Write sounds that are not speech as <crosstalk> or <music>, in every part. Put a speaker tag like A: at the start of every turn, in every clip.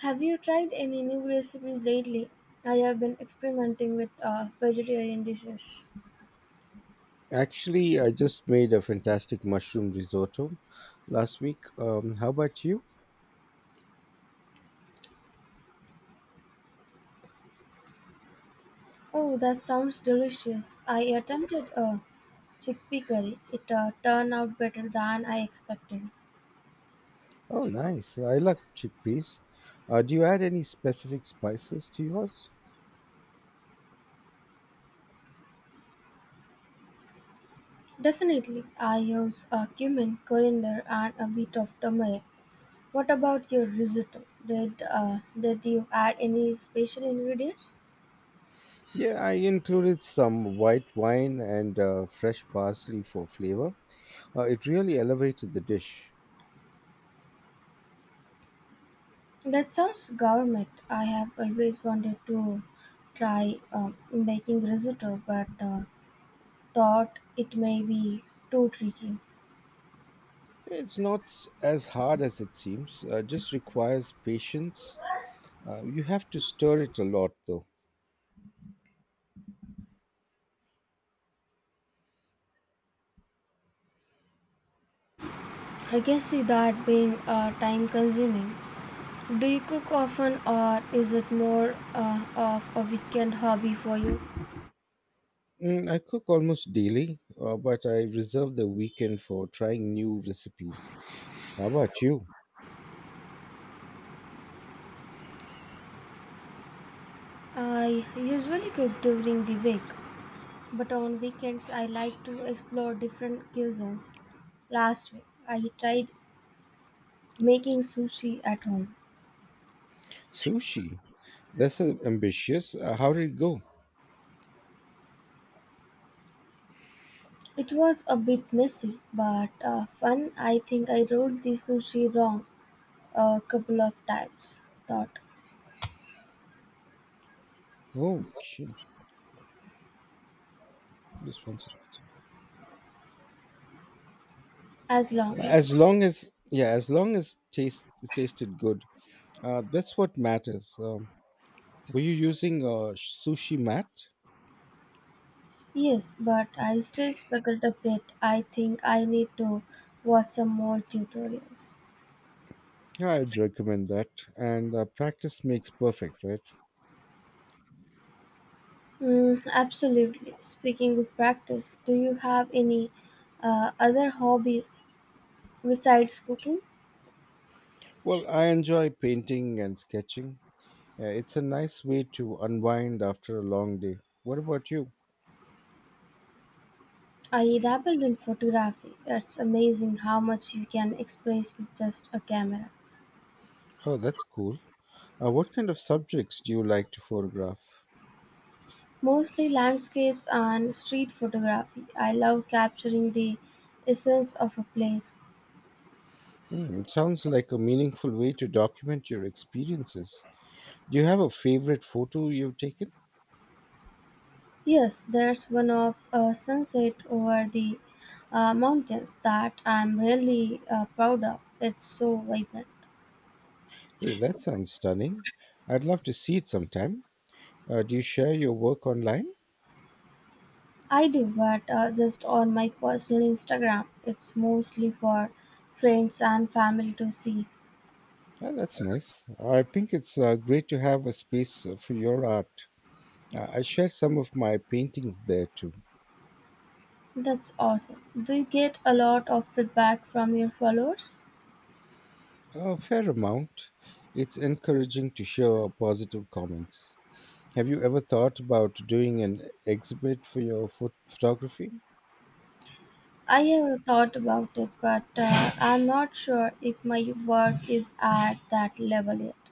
A: Have you tried any new recipes lately? I have been experimenting with vegetarian dishes.
B: Actually, I just made a fantastic mushroom risotto last week. How about you?
A: Oh, that sounds delicious. I attempted a chickpea curry. It turned out better than I expected.
B: Oh, nice. I love chickpeas. Do you add any specific spices to yours?
A: Definitely, I use cumin, coriander, and a bit of turmeric. What about your risotto? Did you add any special ingredients?
B: Yeah, I included some white wine and fresh parsley for flavor. It really elevated the dish.
A: That sounds gourmet. I have always wanted to try making risotto, but thought it may be too tricky.
B: It's not s- as hard as it seems, just requires patience. You have to stir it a lot, though.
A: I can see that being time consuming. Do you cook often or is it more of a weekend hobby for you?
B: Mm, I cook almost daily, but I reserve the weekend for trying new recipes. How about you?
A: I usually cook during the week, but on weekends I like to explore different cuisines. Last week I tried making sushi at home.
B: Sushi. That's ambitious. How did it go?
A: It was a bit messy but fun. I think I wrote the sushi wrong a couple of times. Thought
B: Okay, this one. Sec.
A: as long as.
B: As long as, yeah, as long as taste it tasted good, that's what matters. Were you using a sushi mat?
A: Yes, but I still struggled a bit. I think I need to watch some more tutorials.
B: Yeah, I'd recommend that. And practice makes perfect, right?
A: Mm, absolutely. Speaking of practice, do you have any other hobbies besides cooking?
B: Well, I enjoy painting and sketching. Yeah, it's a nice way to unwind after a long day. What about you?
A: I dabbled in photography. It's amazing how much you can express with just a camera.
B: Oh, that's cool. What kind of subjects do you like to photograph?
A: Mostly landscapes and street photography. I love capturing the essence of a place.
B: Hmm, it sounds like a meaningful way to document your experiences. Do you have a favorite photo you've taken?
A: Yes, there's one of a sunset over the mountains that I'm really proud of. It's so vibrant.
B: Hey, that sounds stunning. I'd love to see it sometime. Do you share your work online?
A: I do, but just on my personal Instagram. It's mostly for friends and family to see.
B: Yeah, that's nice. I think it's great to have a space for your art. I share some of my paintings there too.
A: That's awesome. Do you get a lot of feedback from your followers?
B: A fair amount. It's encouraging to hear positive comments. Have you ever thought about doing an exhibit for your photography?
A: I have thought about it, but I'm not sure if my work is at that level yet.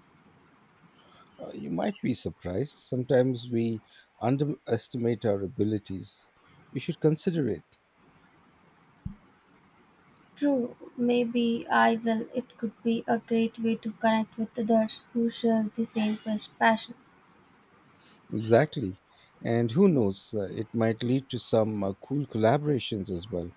B: You might be surprised. Sometimes we underestimate our abilities. You should consider it.
A: True, maybe I will. It could be a great way to connect with others who share the same passion.
B: Exactly. And who knows, it might lead to some cool collaborations as well.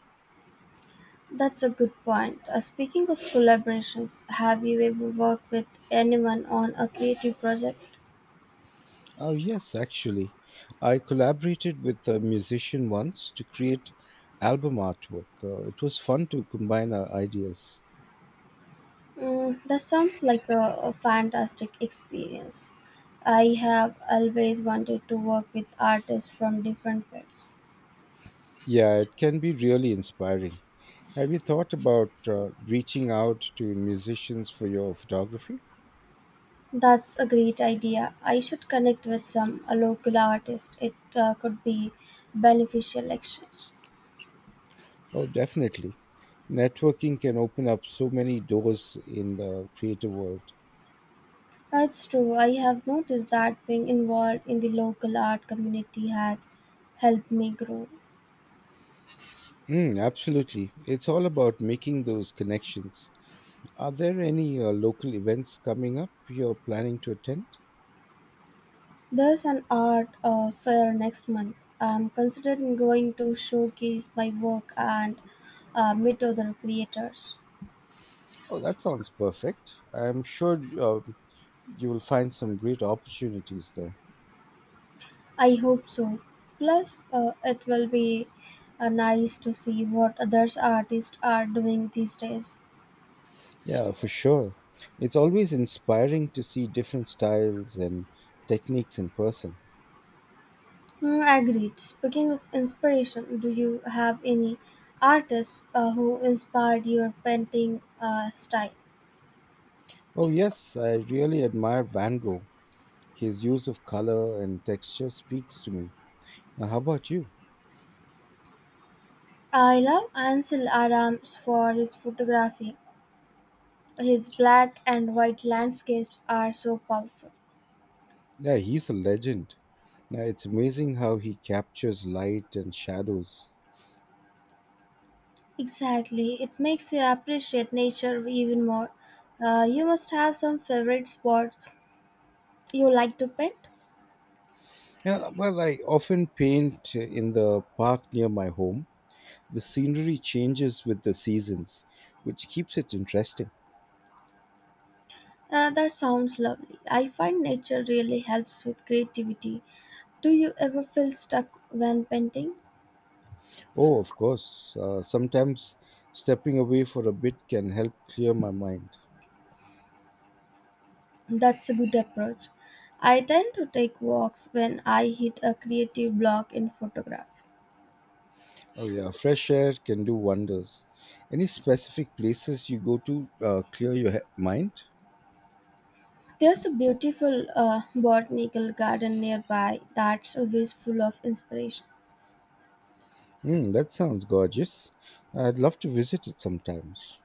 A: That's a good point. Speaking of collaborations, have you ever worked with anyone on a creative project?
B: Oh, yes, actually. I collaborated with a musician once to create album artwork. It was fun to combine our ideas.
A: Mm, that sounds like a fantastic experience. I have always wanted to work with artists from different fields.
B: Yeah, it can be really inspiring. Have you thought about reaching out to musicians for your photography?
A: That's a great idea. I should connect with some a local artist. It could be beneficial exchange.
B: Oh, definitely. Networking can open up so many doors in the creative world.
A: That's true. I have noticed that being involved in the local art community has helped me grow.
B: Mm, absolutely. It's all about making those connections. Are there any local events coming up you're planning to attend?
A: There's an art fair next month. I'm considering going to showcase my work and meet other creators.
B: Oh, that sounds perfect. I'm sure you will find some great opportunities there.
A: I hope so. Plus, it will be nice to see what others artists are doing these days.
B: Yeah, for sure. It's always inspiring to see different styles and techniques in person.
A: Hmm, agreed. Speaking of inspiration, do you have any artists who inspired your painting style?
B: Oh, yes, I really admire Van Gogh. His use of color and texture speaks to me. Now, how about you?
A: I love Ansel Adams for his photography. His black and white landscapes are so powerful.
B: Yeah, he's a legend. Now, it's amazing how he captures light and shadows.
A: Exactly, it makes you appreciate nature even more. You must have some favorite spots you like to paint.
B: Yeah, well, I often paint in the park near my home. The scenery changes with the seasons, which keeps it interesting.
A: That sounds lovely. I find nature really helps with creativity. Do you ever feel stuck when painting?
B: Oh, of course. Sometimes stepping away for a bit can help clear my mind.
A: That's a good approach. I tend to take walks when I hit a creative block in photography.
B: Oh, yeah. Fresh air can do wonders. Any specific places you go to clear your mind?
A: There's a beautiful botanical garden nearby that's always full of inspiration.
B: Hmm, that sounds gorgeous. I'd love to visit it sometimes.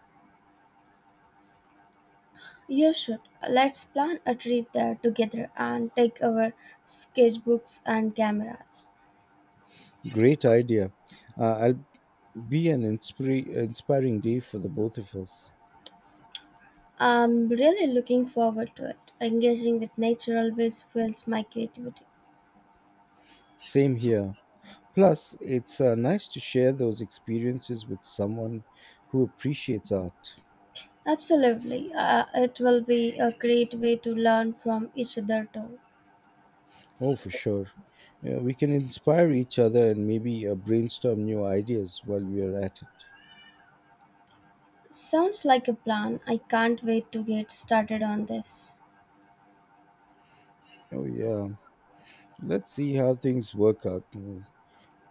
A: You should. Let's plan a trip there together and take our sketchbooks and cameras.
B: Great idea. I'll be an inspiring day for the both of us.
A: I'm really looking forward to it. Engaging with nature always fuels my creativity.
B: Same here. Plus, it's nice to share those experiences with someone who appreciates art.
A: Absolutely. It will be a great way to learn from each other too.
B: Oh, for sure. Yeah, we can inspire each other and maybe brainstorm new ideas while we are at it.
A: Sounds like a plan. I can't wait to get started on this.
B: Oh, yeah. Let's see how things work out. Mm,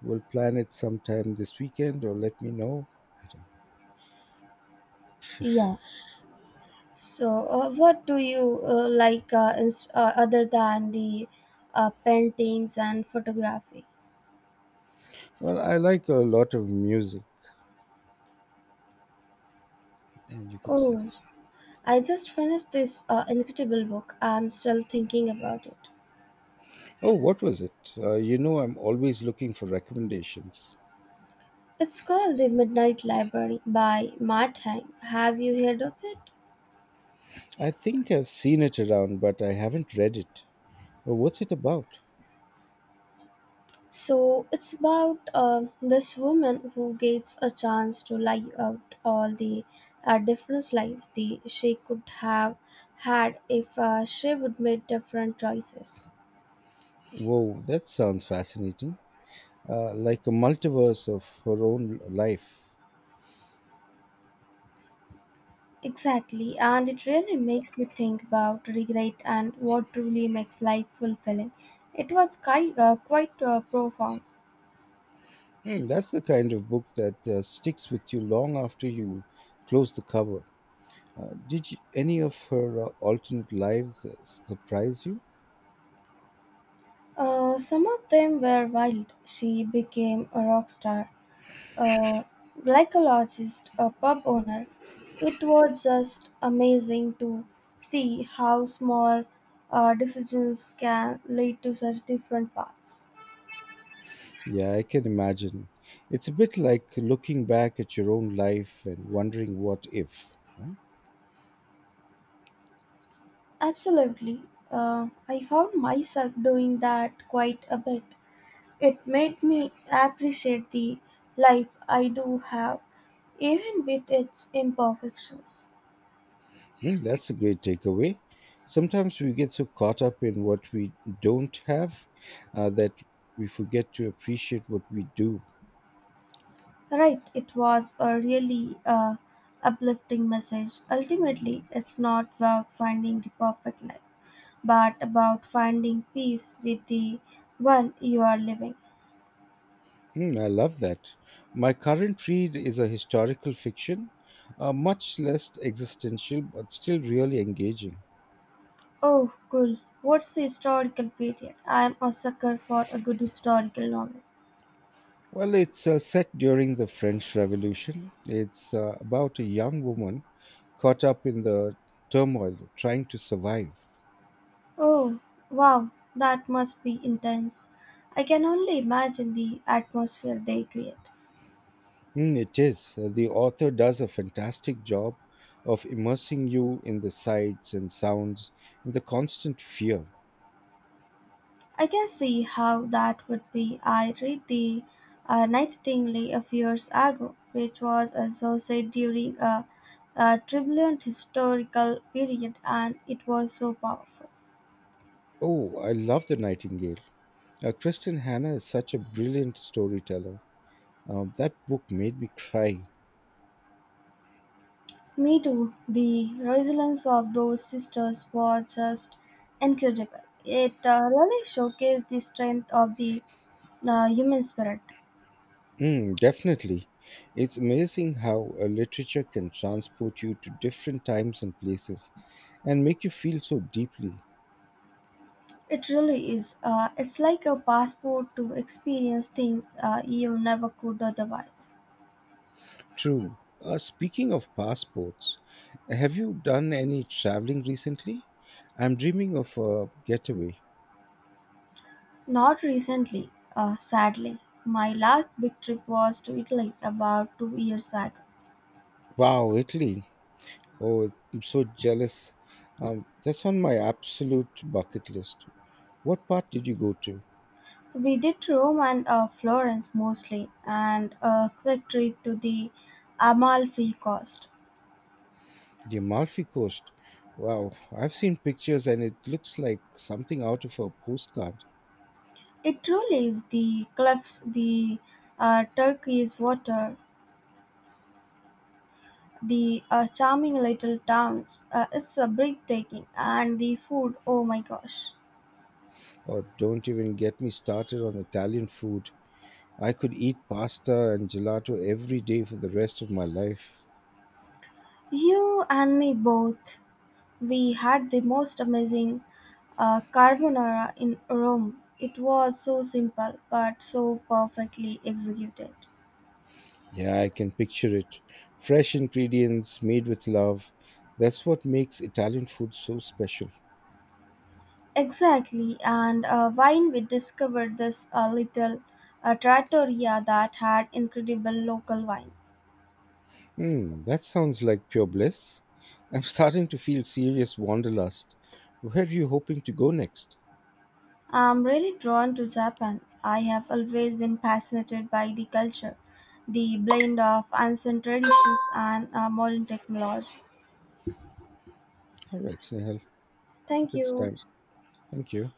B: we'll plan it sometime this weekend or let me know. I don't.
A: Yeah. So, what do you like other than the paintings and photography?
B: Well, I like a lot of music, and you can say.
A: Oh, I just finished this incredible book. I'm still thinking about it.
B: Oh, what was it? I'm always looking for recommendations.
A: It's called The Midnight Library by Matt Haig. Have you heard of it?
B: I think I've seen it around, but I haven't read it. Oh, what's it about?
A: So it's about this woman who gets a chance to lie out all the different lies the, she could have had if she would made different choices.
B: Whoa, that sounds fascinating. Like a multiverse of her own life.
A: Exactly, and it really makes you think about regret and what truly makes life fulfilling. It was quite profound.
B: Hmm, that's the kind of book that sticks with you long after you close the cover. Any of her alternate lives surprise you?
A: Some of them were wild. She became a rock star. A gynecologist, a pub owner. It was just amazing to see how small decisions can lead to such different paths.
B: Yeah, I can imagine. It's a bit like looking back at your own life and wondering what if, huh?
A: Absolutely. I found myself doing that quite a bit. It made me appreciate the life I do have, even with its imperfections.
B: Mm, that's a great takeaway. Sometimes we get so caught up in what we don't have that we forget to appreciate what we do.
A: Right, it was a really uplifting message. Ultimately, it's not about finding the perfect life, but about finding peace with the one you are living.
B: Mm, I love that. My current read is a historical fiction, much less existential, but still really engaging.
A: Oh, cool. What's the historical period? I'm a sucker for a good historical novel.
B: Well, it's set during the French Revolution. It's about a young woman caught up in the turmoil, trying to survive.
A: Oh, wow, that must be intense. I can only imagine the atmosphere they create.
B: Mm, it is. The author does a fantastic job of immersing you in the sights and sounds and the constant fear.
A: I can see how that would be. I read The Nightingale a few years ago, which was associated during a turbulent historical period, and it was so powerful.
B: Oh, I love The Nightingale. Kristen Hannah is such a brilliant storyteller. That book made me cry.
A: Me too. The resilience of those sisters was just incredible. It really showcased the strength of the human spirit.
B: Mm, definitely. It's amazing how a literature can transport you to different times and places and make you feel so deeply.
A: It really is. It's like a passport to experience things you never could otherwise.
B: True. Speaking of passports, have you done any traveling recently? I'm dreaming of a getaway.
A: Not recently, sadly. My last big trip was to Italy about 2 years back.
B: Wow, Italy. Oh, I'm so jealous. That's on my absolute bucket list. What part did you go to?
A: We did Rome and Florence mostly, and a quick trip to the Amalfi Coast.
B: The Amalfi Coast. Wow, I've seen pictures and it looks like something out of a postcard.
A: It truly is the cliffs, the turquoise water, the charming little towns. It's breathtaking, and the food, oh my gosh.
B: Or don't even get me started on Italian food. I could eat pasta and gelato every day for the rest of my life.
A: You and me both. We had the most amazing carbonara in Rome. It was so simple but so perfectly executed.
B: Yeah, I can picture it. Fresh ingredients made with love. That's what makes Italian food so special.
A: Exactly, and wine we discovered this little trattoria that had incredible local wine.
B: Hmm, that sounds like pure bliss. I'm <laughs> starting to feel serious wanderlust. Where are you hoping to go next?
A: I'm really drawn to Japan. I have always been fascinated by the culture, the blend of ancient traditions and modern technology.
B: All right, Snehal.
A: Thank
B: It's
A: you.
B: time. Thank you.